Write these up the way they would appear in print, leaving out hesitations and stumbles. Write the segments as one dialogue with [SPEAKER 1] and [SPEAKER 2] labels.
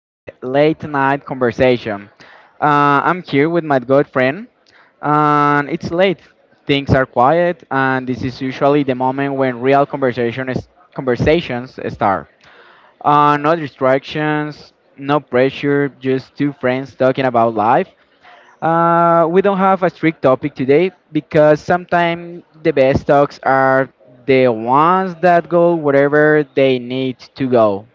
[SPEAKER 1] late, late Night Conversation. I'm here with my good friend, and it's late. Things are quiet, and this is usually the moment when real conversations start. No distractions, no pressure, just two friends talking about life. We don't have a strict topic today because sometimes the best talks are the ones that go wherever they need to go.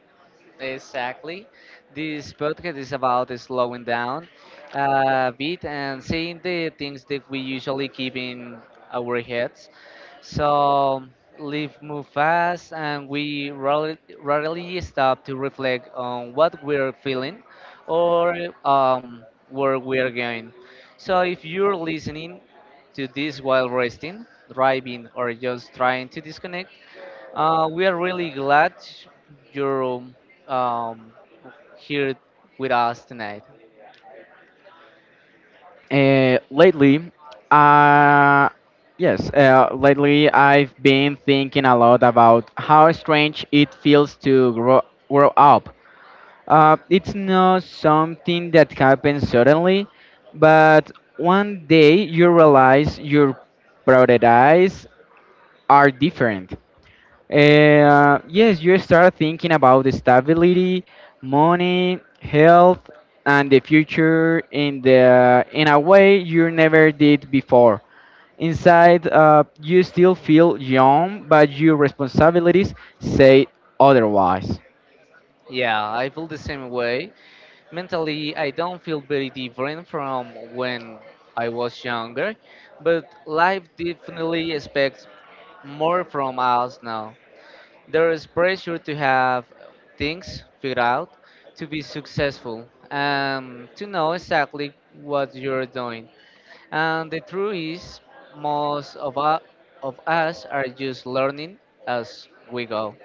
[SPEAKER 2] Exactly. This podcast is about slowing down a bit and seeing the things that we usually keep in our heads. So life move fast, and we rarely, rarely stop to reflect on what we're feeling or where we're going. So if you're listening to this while resting, driving, or just trying to disconnect, we are really glad you're um, here with us tonight.
[SPEAKER 1] Uh, lately, uh, yes, lately I've been thinking a lot about how strange it feels to grow up. It's not something that happens suddenly, but one day you realize your priorities are different. Yes, you start thinking about the stability, money, health, and the future in the in a way you never did before. Inside, you still feel young, but your responsibilities say otherwise.
[SPEAKER 2] Yeah, I feel the same way. Mentally, I don't feel very different from when I was younger, but life definitely expects more from us now. There is pressure to have things figured out, to be successful, and to know exactly what you're doing. And the truth is, most of, u- of us are just learning as we go.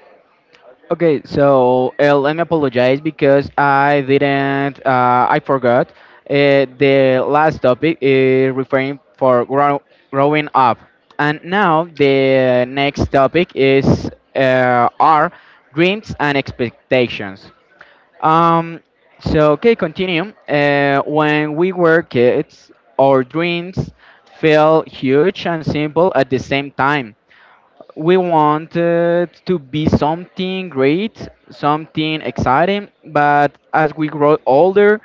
[SPEAKER 1] Okay, so let me apologize because I didn't, I forgot. The last topic is referring for growing up, and now the next topic is our dreams and expectations. Um, so okay, continue. When we were kids, our dreams felt huge and simple at the same time we wanted to be something great, something exciting, but as we grow older,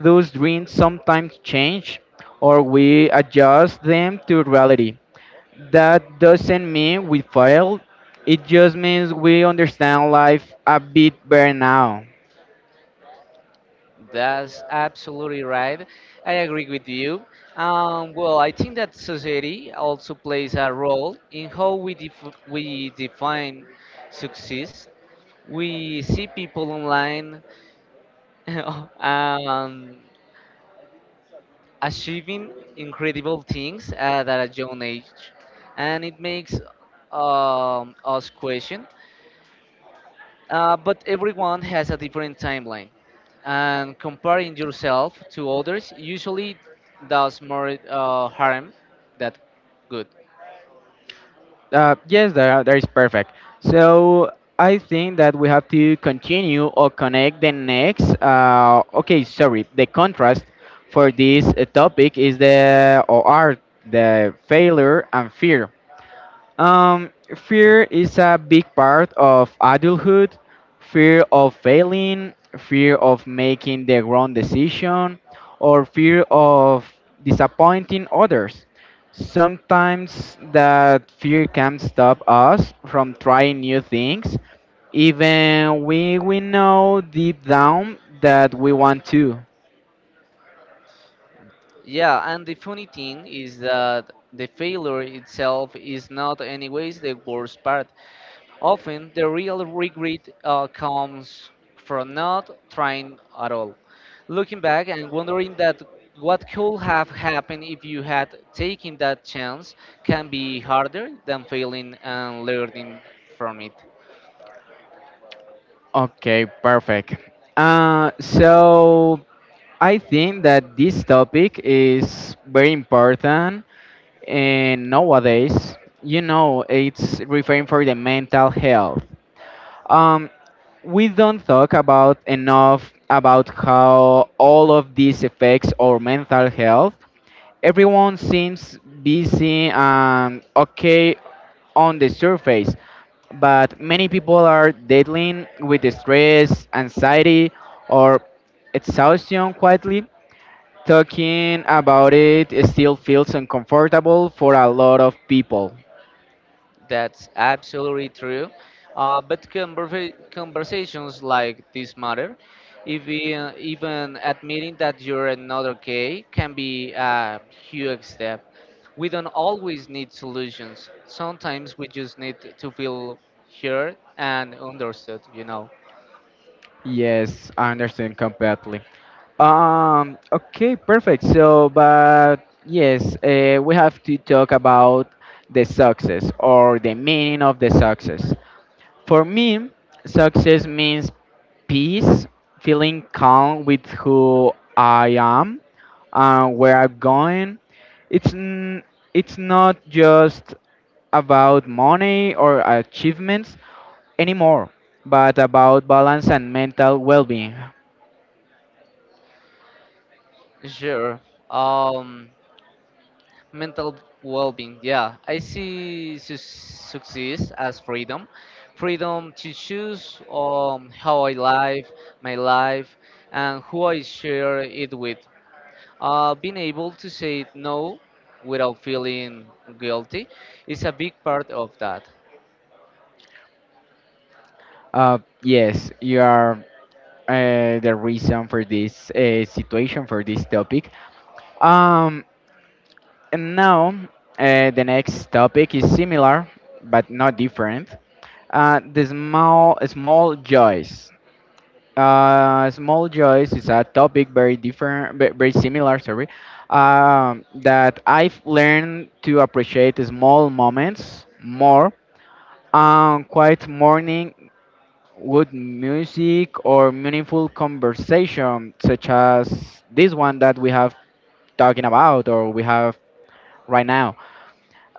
[SPEAKER 1] those dreams sometimes change or we adjust them to reality. That doesn't mean we failed, it just means we understand life a bit better now.
[SPEAKER 2] That's absolutely right. I agree with you. Well, I think that society also plays a role in how we define success. We see people online um, achieving incredible things at a young age, and it makes us question. But everyone has a different timeline, and comparing yourself to others usually does more harm than good.
[SPEAKER 1] That is perfect. So I think that we have to continue or connect the next. Okay, sorry. The contrast for this topic is the or are the failure and fear. Um, fear is a big part of adulthood. Fear of failing, fear of making the wrong decision, or fear of disappointing others. Sometimes that fear can stop us from trying new things, even we know deep down that we want to.
[SPEAKER 2] Yeah, and the funny thing is that the failure itself is not, anyways, the worst part. Often, the real regret comes from not trying at all. Looking back and wondering that what could have happened if you had taken that chance can be harder than failing and learning from it.
[SPEAKER 1] Okay, perfect. So I think that this topic is very important and nowadays, you know, it's referring for the mental health. Um, we don't talk about enough about how all of this affects our mental health. Everyone seems busy and okay on the surface, but many people are dealing with the stress, anxiety, or exhaustion quietly. Talking about it still feels uncomfortable for a lot of people.
[SPEAKER 2] That's absolutely true. But conversations like this matter. Even admitting that you're another gay can be a huge step. We don't always need solutions. Sometimes we just need to feel heard and understood, you know.
[SPEAKER 1] Yes, I understand completely. Okay, perfect. So, but yes, we have to talk about the success or the meaning of the success. For me, success means peace, feeling calm with who I am and where I'm going. It's n- it's not just about money or achievements anymore, but about balance and mental well-being.
[SPEAKER 2] Sure. Um, Mental well-being, yeah, I see success as freedom, freedom to choose how I live my life and who I share it with. Being able to say no without feeling guilty is a big part of that.
[SPEAKER 1] Yes, you are the reason for this situation for this topic. Um, And now, the next topic is similar but not different. The small joys. Small joys is a topic very very similar. Sorry, that I've learned to appreciate the small moments more. Quiet morning with music or meaningful conversation, such as this one that we have talking about or we have right now.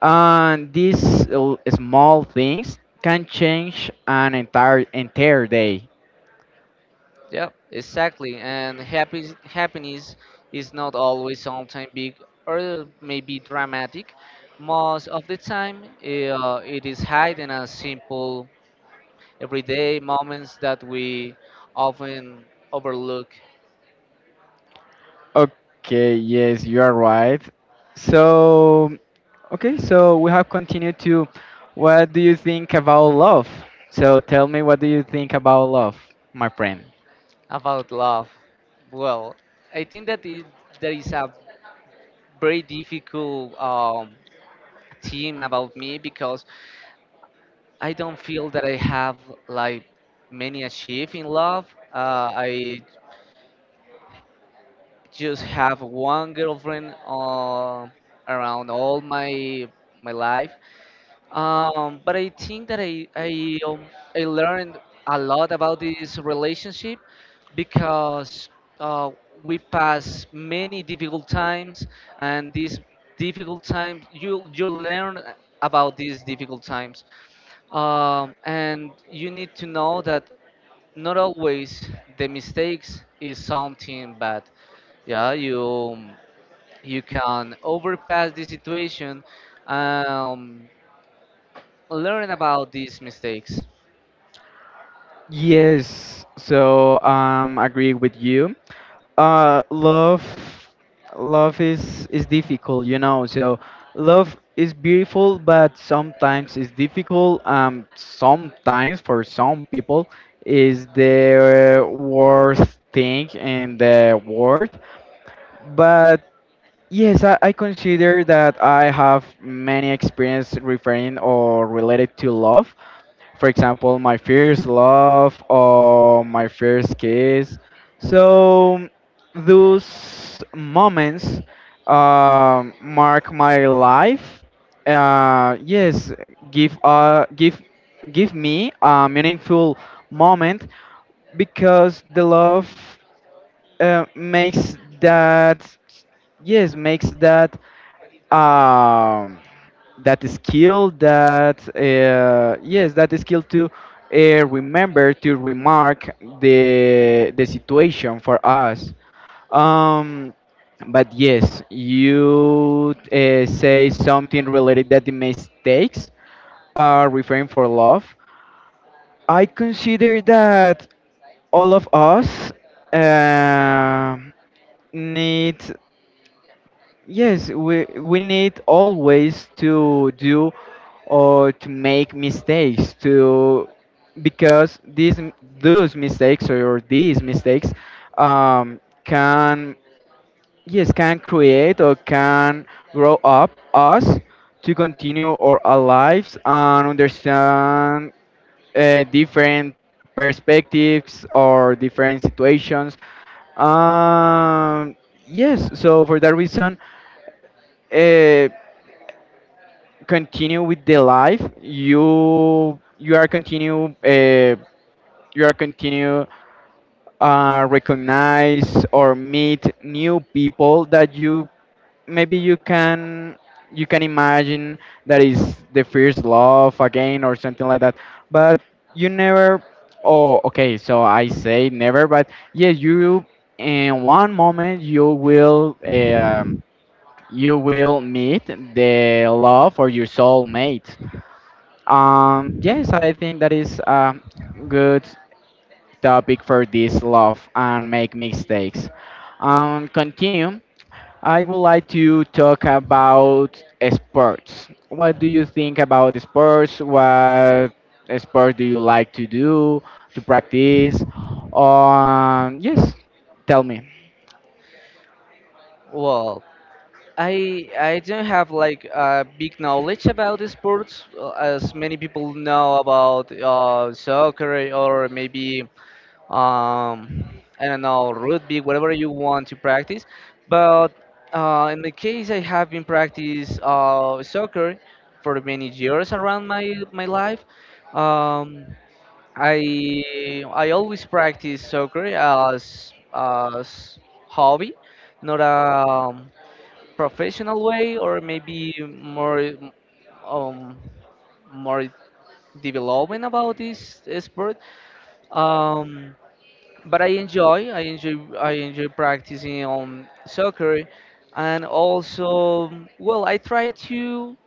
[SPEAKER 1] And these small things can change an entire day.
[SPEAKER 2] Yeah, exactly. And happiness is not always sometimes big or maybe dramatic. Most of the time it is hidden as simple everyday moments that we often overlook.
[SPEAKER 1] Okay, yes, you are right. So, okay, so we have continued to what do you think about love? So tell me what do you think about love, my friend?
[SPEAKER 2] About love. Well, I think that there is a very difficult theme about me because I don't feel that I have like many achieve in love. I just have one girlfriend around all my life. But I think that I learned a lot about this relationship because uh, we pass many difficult times, and these difficult times you learn about these difficult times, and you need to know that not always the mistakes is something bad. Yeah, you can overpass the situation. Um, learn about these mistakes?
[SPEAKER 1] Yes, so agree with you. uh love love is difficult, you know. So love is beautiful, but sometimes it's difficult. Sometimes for some people is the worst thing in the world, but yes, I consider that I have many experience referring or related to love, for example, my first love or my first kiss. So those moments mark my life. Uh, yes, give uh, give Give me a meaningful moment because the love makes that yes makes that um, that skill that yes that skill to remember to remark the situation for us. Um, but yes, you say something related that the mistakes are referring for love. I consider that all of us um need yes we need always to do or to make mistakes, to because these mistakes can yes can create or can grow up us to continue our lives and understand different perspectives or different situations. Um yes so for that reason, uh, continue with the life. You you are continue Recognize or meet new people that you maybe you can imagine that is the first love again or something like that. But you never. Oh okay, so I say never, but yes, you in one moment you will meet the love or your soulmate. Yes, I think that is a good topic for this love and make mistakes. Continue I would like to talk about sports. What do you think about sports? What sport do you like to do, to practice? Um, yes, Tell me.
[SPEAKER 2] Well, I don't have like a big knowledge about the sports as many people know about soccer or maybe um, I don't know, rugby, whatever you want to practice. But in the case I have been practice soccer for many years around my life. Um, I I always practice soccer as hobby, not a professional way, or maybe more um more development about this sport. Um, but I enjoy practicing on soccer, and also well I try to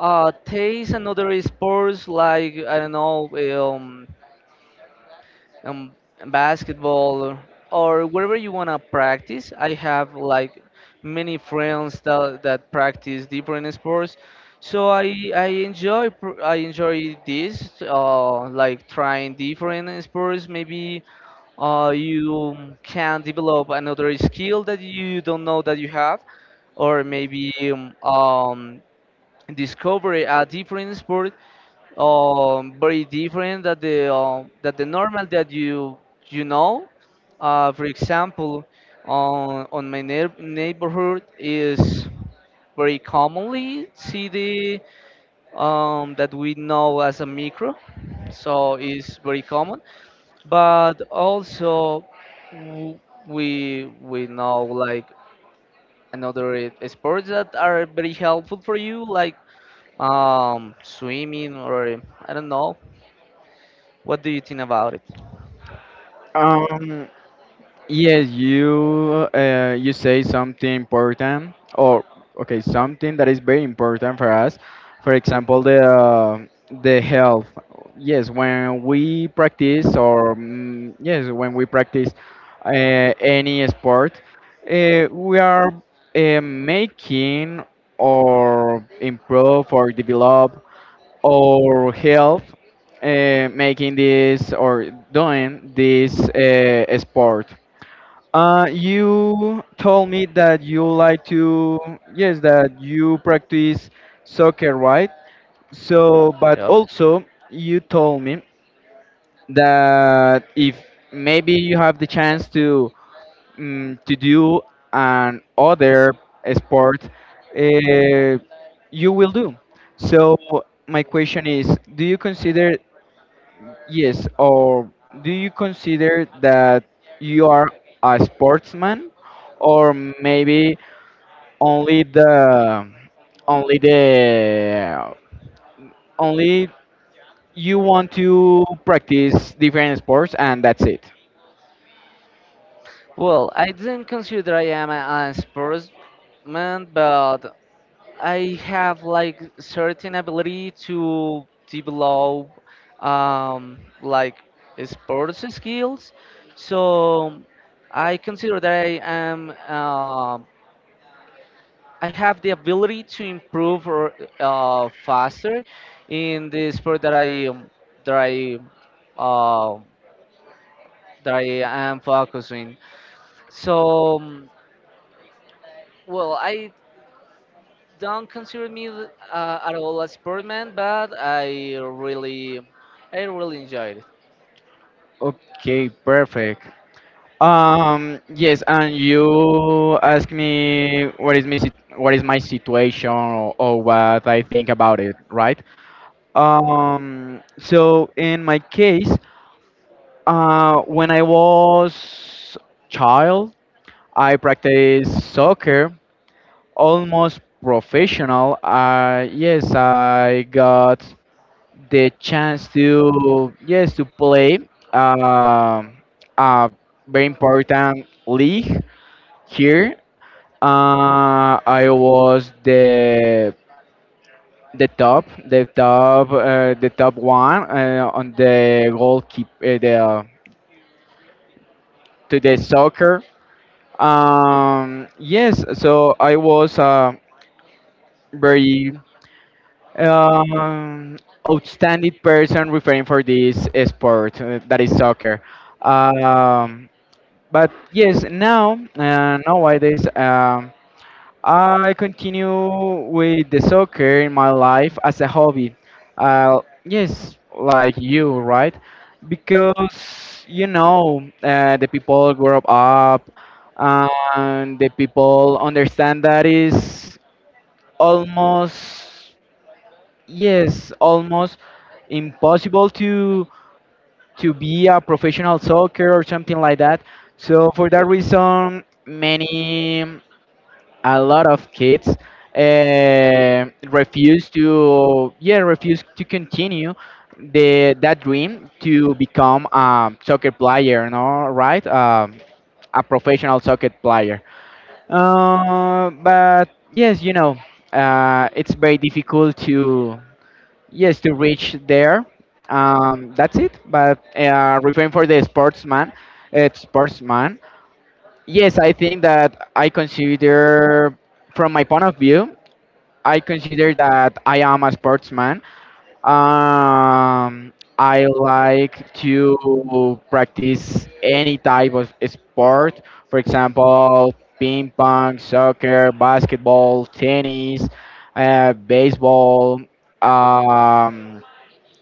[SPEAKER 2] taste another sports like I don't know um, basketball or wherever you want to practice. I have like many friends that practice different sports, so I enjoy this like trying different sports. Maybe you can develop another skill that you don't know that you have, or maybe discover a different sport very different that the normal that you know. For example, on on my neighborhood is very commonly see the that we know as a micro, so it's very common. But also w- we know like another sports that are very helpful for you like swimming or I don't know. What do you think about it?
[SPEAKER 1] Um, you say something important, or okay, something that is very important for us. For example, the health. Yes, when we practice, or when we practice uh, any sport, we are making or improve or develop our health, making this or doing this sport. You told me that you like to, yes, that you practice soccer, right? So, but
[SPEAKER 2] Yep.
[SPEAKER 1] also you told me that if maybe you have the chance to to do an other sport, uh, you will do. So my question is, do you consider. Yes, or do you consider that you are a sportsman, or maybe only the only the only you want to practice different sports and that's it?
[SPEAKER 2] Well, I didn't consider I am a sports man, but I have like certain ability to develop like sports skills. So I consider that I have the ability to improve faster in the sport that I that I uh, that I am focusing. So, mm, well, I don't consider me at all a sportman, but I really enjoyed it.
[SPEAKER 1] Okay, perfect. Yes, and you ask me what is what is my situation, or what I think about it, right? So in my case, When I was child, I practiced soccer, almost professional. Yes, I got the chance to yes to play um a very important league here. I was the top one on the goalkeeper, the to the soccer. Yes, so I was a very um, outstanding person referring for this sport that is soccer. Um, but yes, now nowadays I continue with the soccer in my life as a hobby. Uh, yes, like you, right? Because you know, the people grow up, and the people understand that is almost yes, almost impossible to be a professional soccer or something like that. So for that reason, many a lot of kids refuse to refuse to continue the that dream to become a soccer player, no, right? A professional soccer player. But yes, you know, it's very difficult to yes to reach there. That's it. But uh, referring for the sportsman, yes, I think that I consider from my point of view I consider that I am a sportsman. Um, I like to practice any type of sport, for example, ping pong, soccer, basketball, tennis, baseball, um,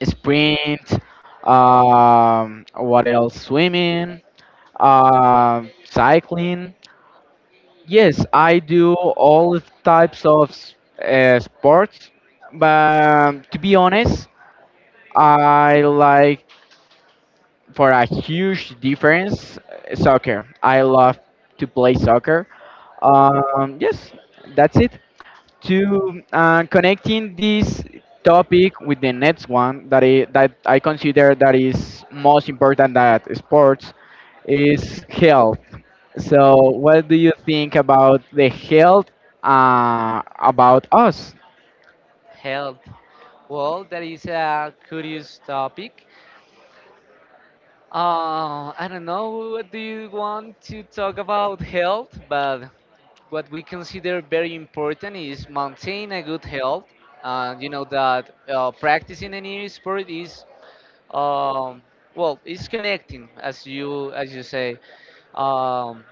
[SPEAKER 1] sprint, what else? Swimming, cycling. Yes, I do all types of sports, but to be honest, I like for a huge difference soccer. I love to play soccer. Um, yes, that's it. To connecting this topic with the next one that that I consider that is most important that sports is health. So what do you think about the health about us?
[SPEAKER 2] Health. Well, that is a curious topic. I don't know what do you want to talk about health, but what we consider very important is maintain a good health. You know that practicing any sport is um, well it's connecting as you say um,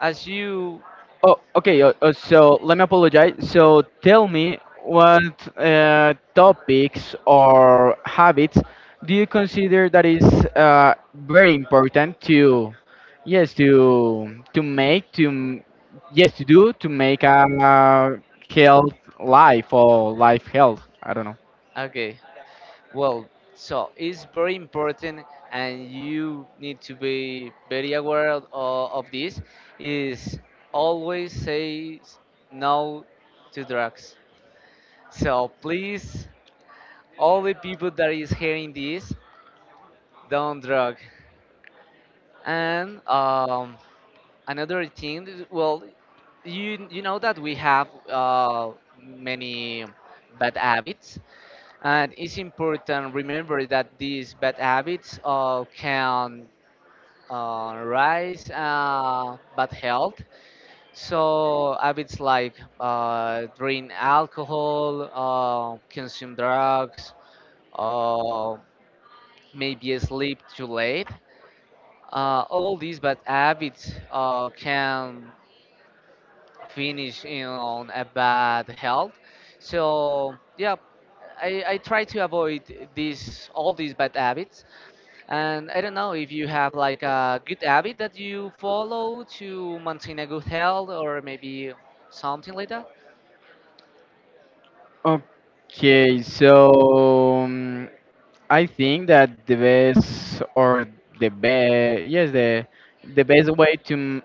[SPEAKER 2] as you.
[SPEAKER 1] Oh, okay. So let me apologize. So tell me what topics or habits do you consider that is very important to, yes, to make to m- yes to do to make a, uh health life or life health. I don't know.
[SPEAKER 2] Okay, well, so it's very important, and you need to be very aware of this is always say s- no to drugs. So please, all the people that is hearing this, don't drug. And another thing is, well, you know that we have many bad habits, and it's important remember that these bad habits can rise bad health. So habits like drink alcohol, consume drugs, uh, maybe sleep too late, all these bad habits can finish in on a bad health. So yeah, I try to avoid these all these bad habits. And I don't know if you have like a good habit that you follow to maintain a good health or maybe something like that.
[SPEAKER 1] Okay, so I think that the best or the best yes the best way to m-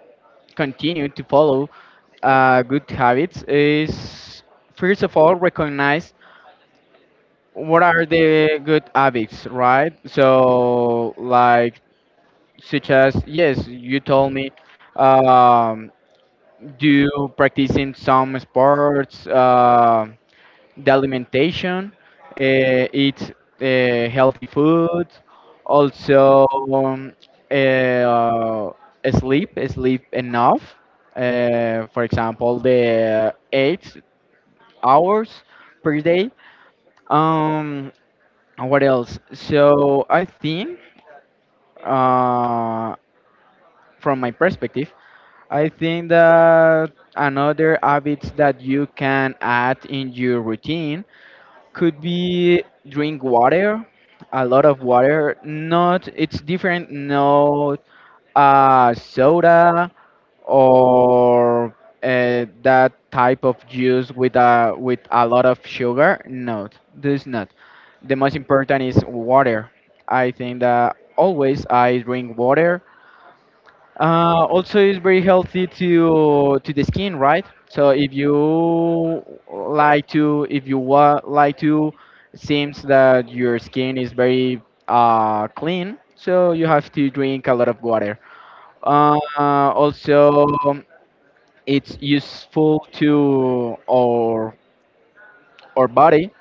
[SPEAKER 1] continue to follow good habits is, first of all, recognize what are the good habits, right? So like, such as yes you told me, um, do practicing some sports, the alimentation, uh, eat healthy food, also, um, uh, sleep enough. For example, the 8 hours per day. Um, and what else? So I think, uh, from my perspective, I think that another habits that you can add in your routine could be drink water, a lot of water. Not it's different, not soda or that type of juice with a lot of sugar, no, this not. The most important is water. I think that always I drink water. Also, it's very healthy to the skin, right? So if you like to, if you like to, seems that your skin is very clean, so you have to drink a lot of water. Also, it's useful to our body.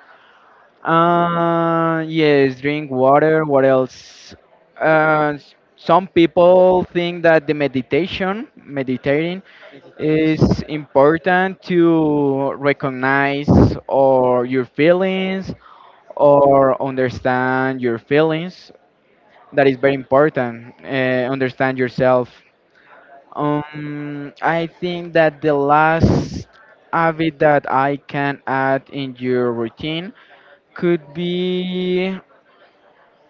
[SPEAKER 1] Yes, drink water. What else?
[SPEAKER 2] Oh,
[SPEAKER 1] Some people think that meditating
[SPEAKER 2] meditation.
[SPEAKER 1] it's important to recognize or your feelings or understand your feelings. That is very important. Understand yourself. I think that the last habit that I can add in your routine could be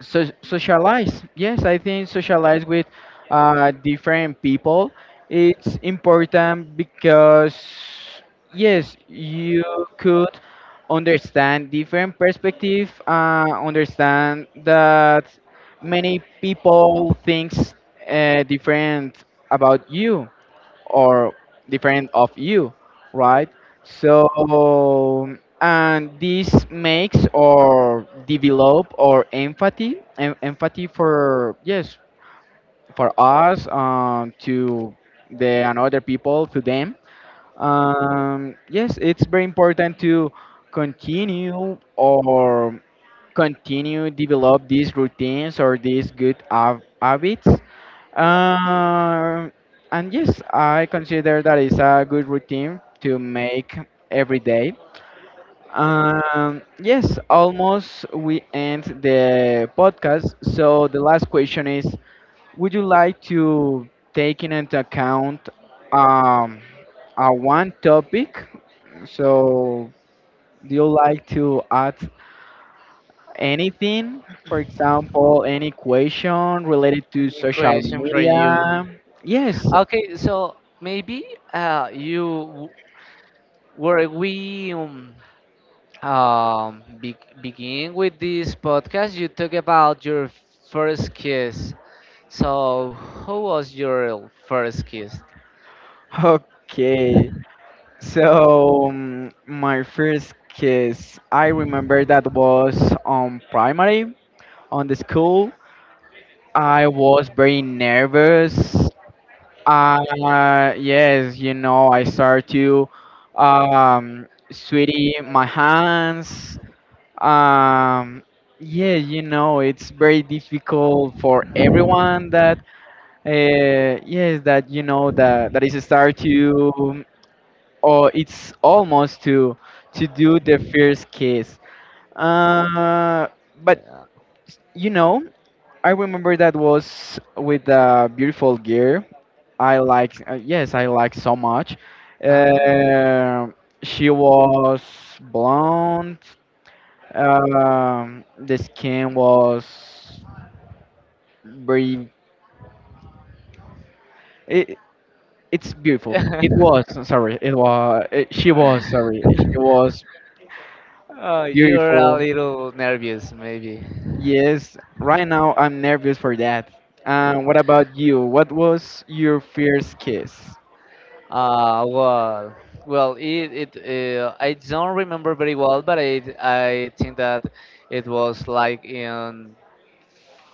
[SPEAKER 1] so socialize yes I think socialize with different people. It's important because yes, you could understand different perspective, understand that many people thinks different about you or different of you, right? So and this makes or develop or empathy for yes, for us to the another people to them. Yes, it's very important to continue or continue develop these routines or these good habits. Um, and yes, I consider that is a good routine to make every day. Yes, almost we end the podcast. So the last question is: would you like to take in into account um, a one topic? So do you like to add anything, for example, any question related to
[SPEAKER 2] An
[SPEAKER 1] social
[SPEAKER 2] equation for you.
[SPEAKER 1] media. Yes,
[SPEAKER 2] Okay, so maybe you w- were we be begin with this podcast. You talk about your first kiss. So, who was your first kiss?
[SPEAKER 1] okay. So, my first kiss, I remember that was on primary, on the school. I was very nervous. Yes, you know, I started to sweaty my hands Um, yeah, you know, it's very difficult for everyone that, uh, yes, that you know that that is a start to, or it's almost to do the first kiss. Uh, but
[SPEAKER 2] Uh,
[SPEAKER 1] you know, I remember that was with a beautiful girl. I like, yes, I like so much.
[SPEAKER 2] Oh,
[SPEAKER 1] Uh, she was blonde. The skin was very. It, it's beautiful. It was sorry. It was. It, she was sorry. She was
[SPEAKER 2] oh, you're a
[SPEAKER 1] beautiful.
[SPEAKER 2] little nervous, maybe.
[SPEAKER 1] Yes. Right now, I'm nervous for that. What about you? What was your first kiss?
[SPEAKER 2] Well, well, it I don't remember very well, but I think that it was like in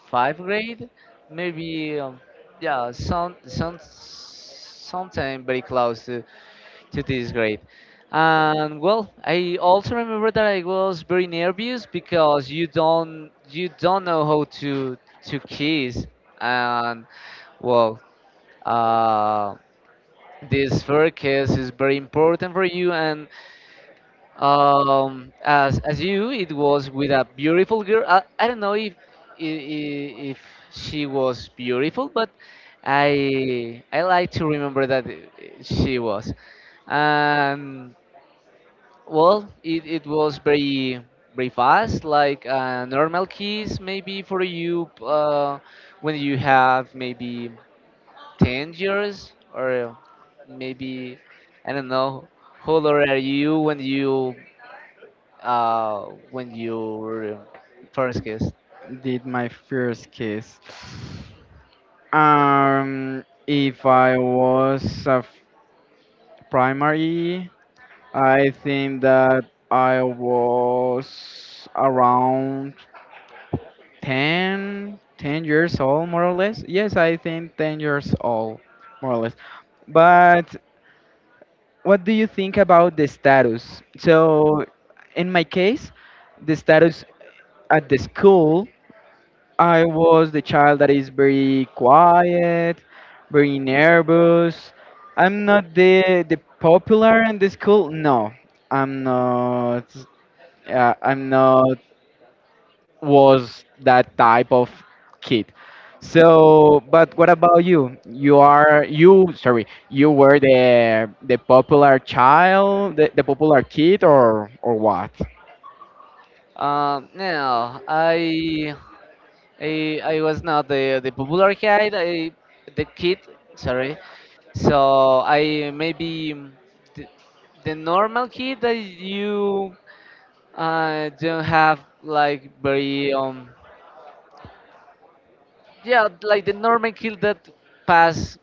[SPEAKER 2] five grade, maybe yeah, some sometime very close to this grade. And well, I also remember that I was very nervous because you don't know how to kiss, and well, uh, this first kiss is very important for you, and um, as you, it was with a beautiful girl. I don't know if she was beautiful, but I like to remember that she was. And well, it was very very fast like a normal kiss maybe for you when you have maybe 10 years or maybe I don't know, how old are you when you uh, when you first kissed?
[SPEAKER 1] Did my first kiss? If I was a primary, I think that I was around ten, 10 years old, more or less. Yes, I think 10 years old, more or less. But what do you think about the status? So, in my case, the status at the school, I was the child that is very quiet, very nervous. I'm not the popular in the school. No, I'm not. I'm not was that type of kid. So, but what about you? You are you sorry, you were the popular child, the popular kid, or what?
[SPEAKER 2] No, I was not the the popular kid. I the kid. Sorry. So I maybe mm, the, the normal kid that you don't have like very yeah, like the normal kid that pass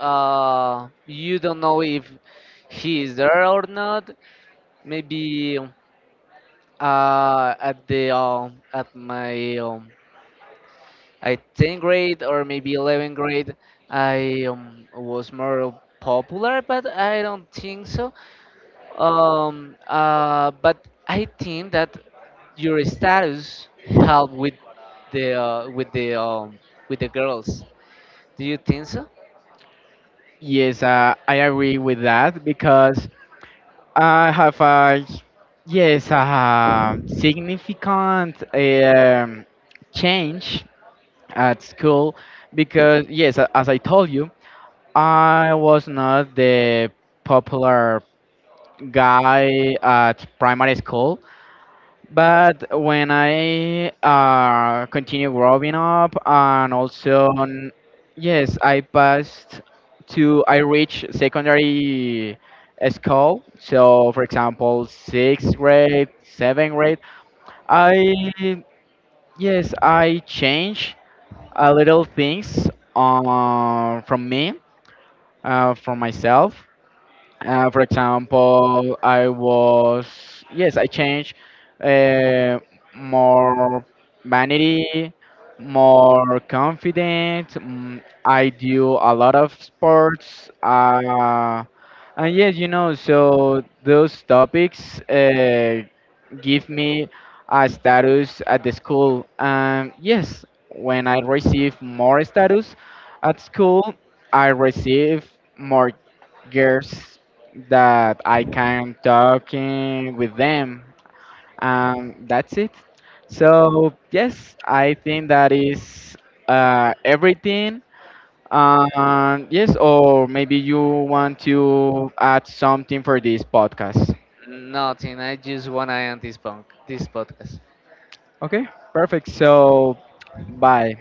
[SPEAKER 2] you don't know if he is there or not. Maybe at the at my I 10th grade or maybe 11th grade I was more popular but I don't think so. But I think that your status help with the with the girls. Do you think so?
[SPEAKER 1] Yes, I agree with that because I have a yes a significant change at school because yes, as I told you, I was not the popular guy at primary school. But when I continued growing up, and also, on- yes, I passed to, I reached secondary school. So, for example, sixth grade, seventh grade, I, yes, I changed a little things from me, from myself. For example, I was yes, I changed uh, more vanity, more confident. I do a lot of sports, and yes, you know, so those topics give me a status at the school. And yes, when I receive more status at school, I receive more girls that I can talking with them. That's it. So yes, I think that is everything. Yes, or maybe you want to add something for this podcast.
[SPEAKER 2] Nothing, I just wanna end this punk this podcast.
[SPEAKER 1] Okay, perfect. So bye.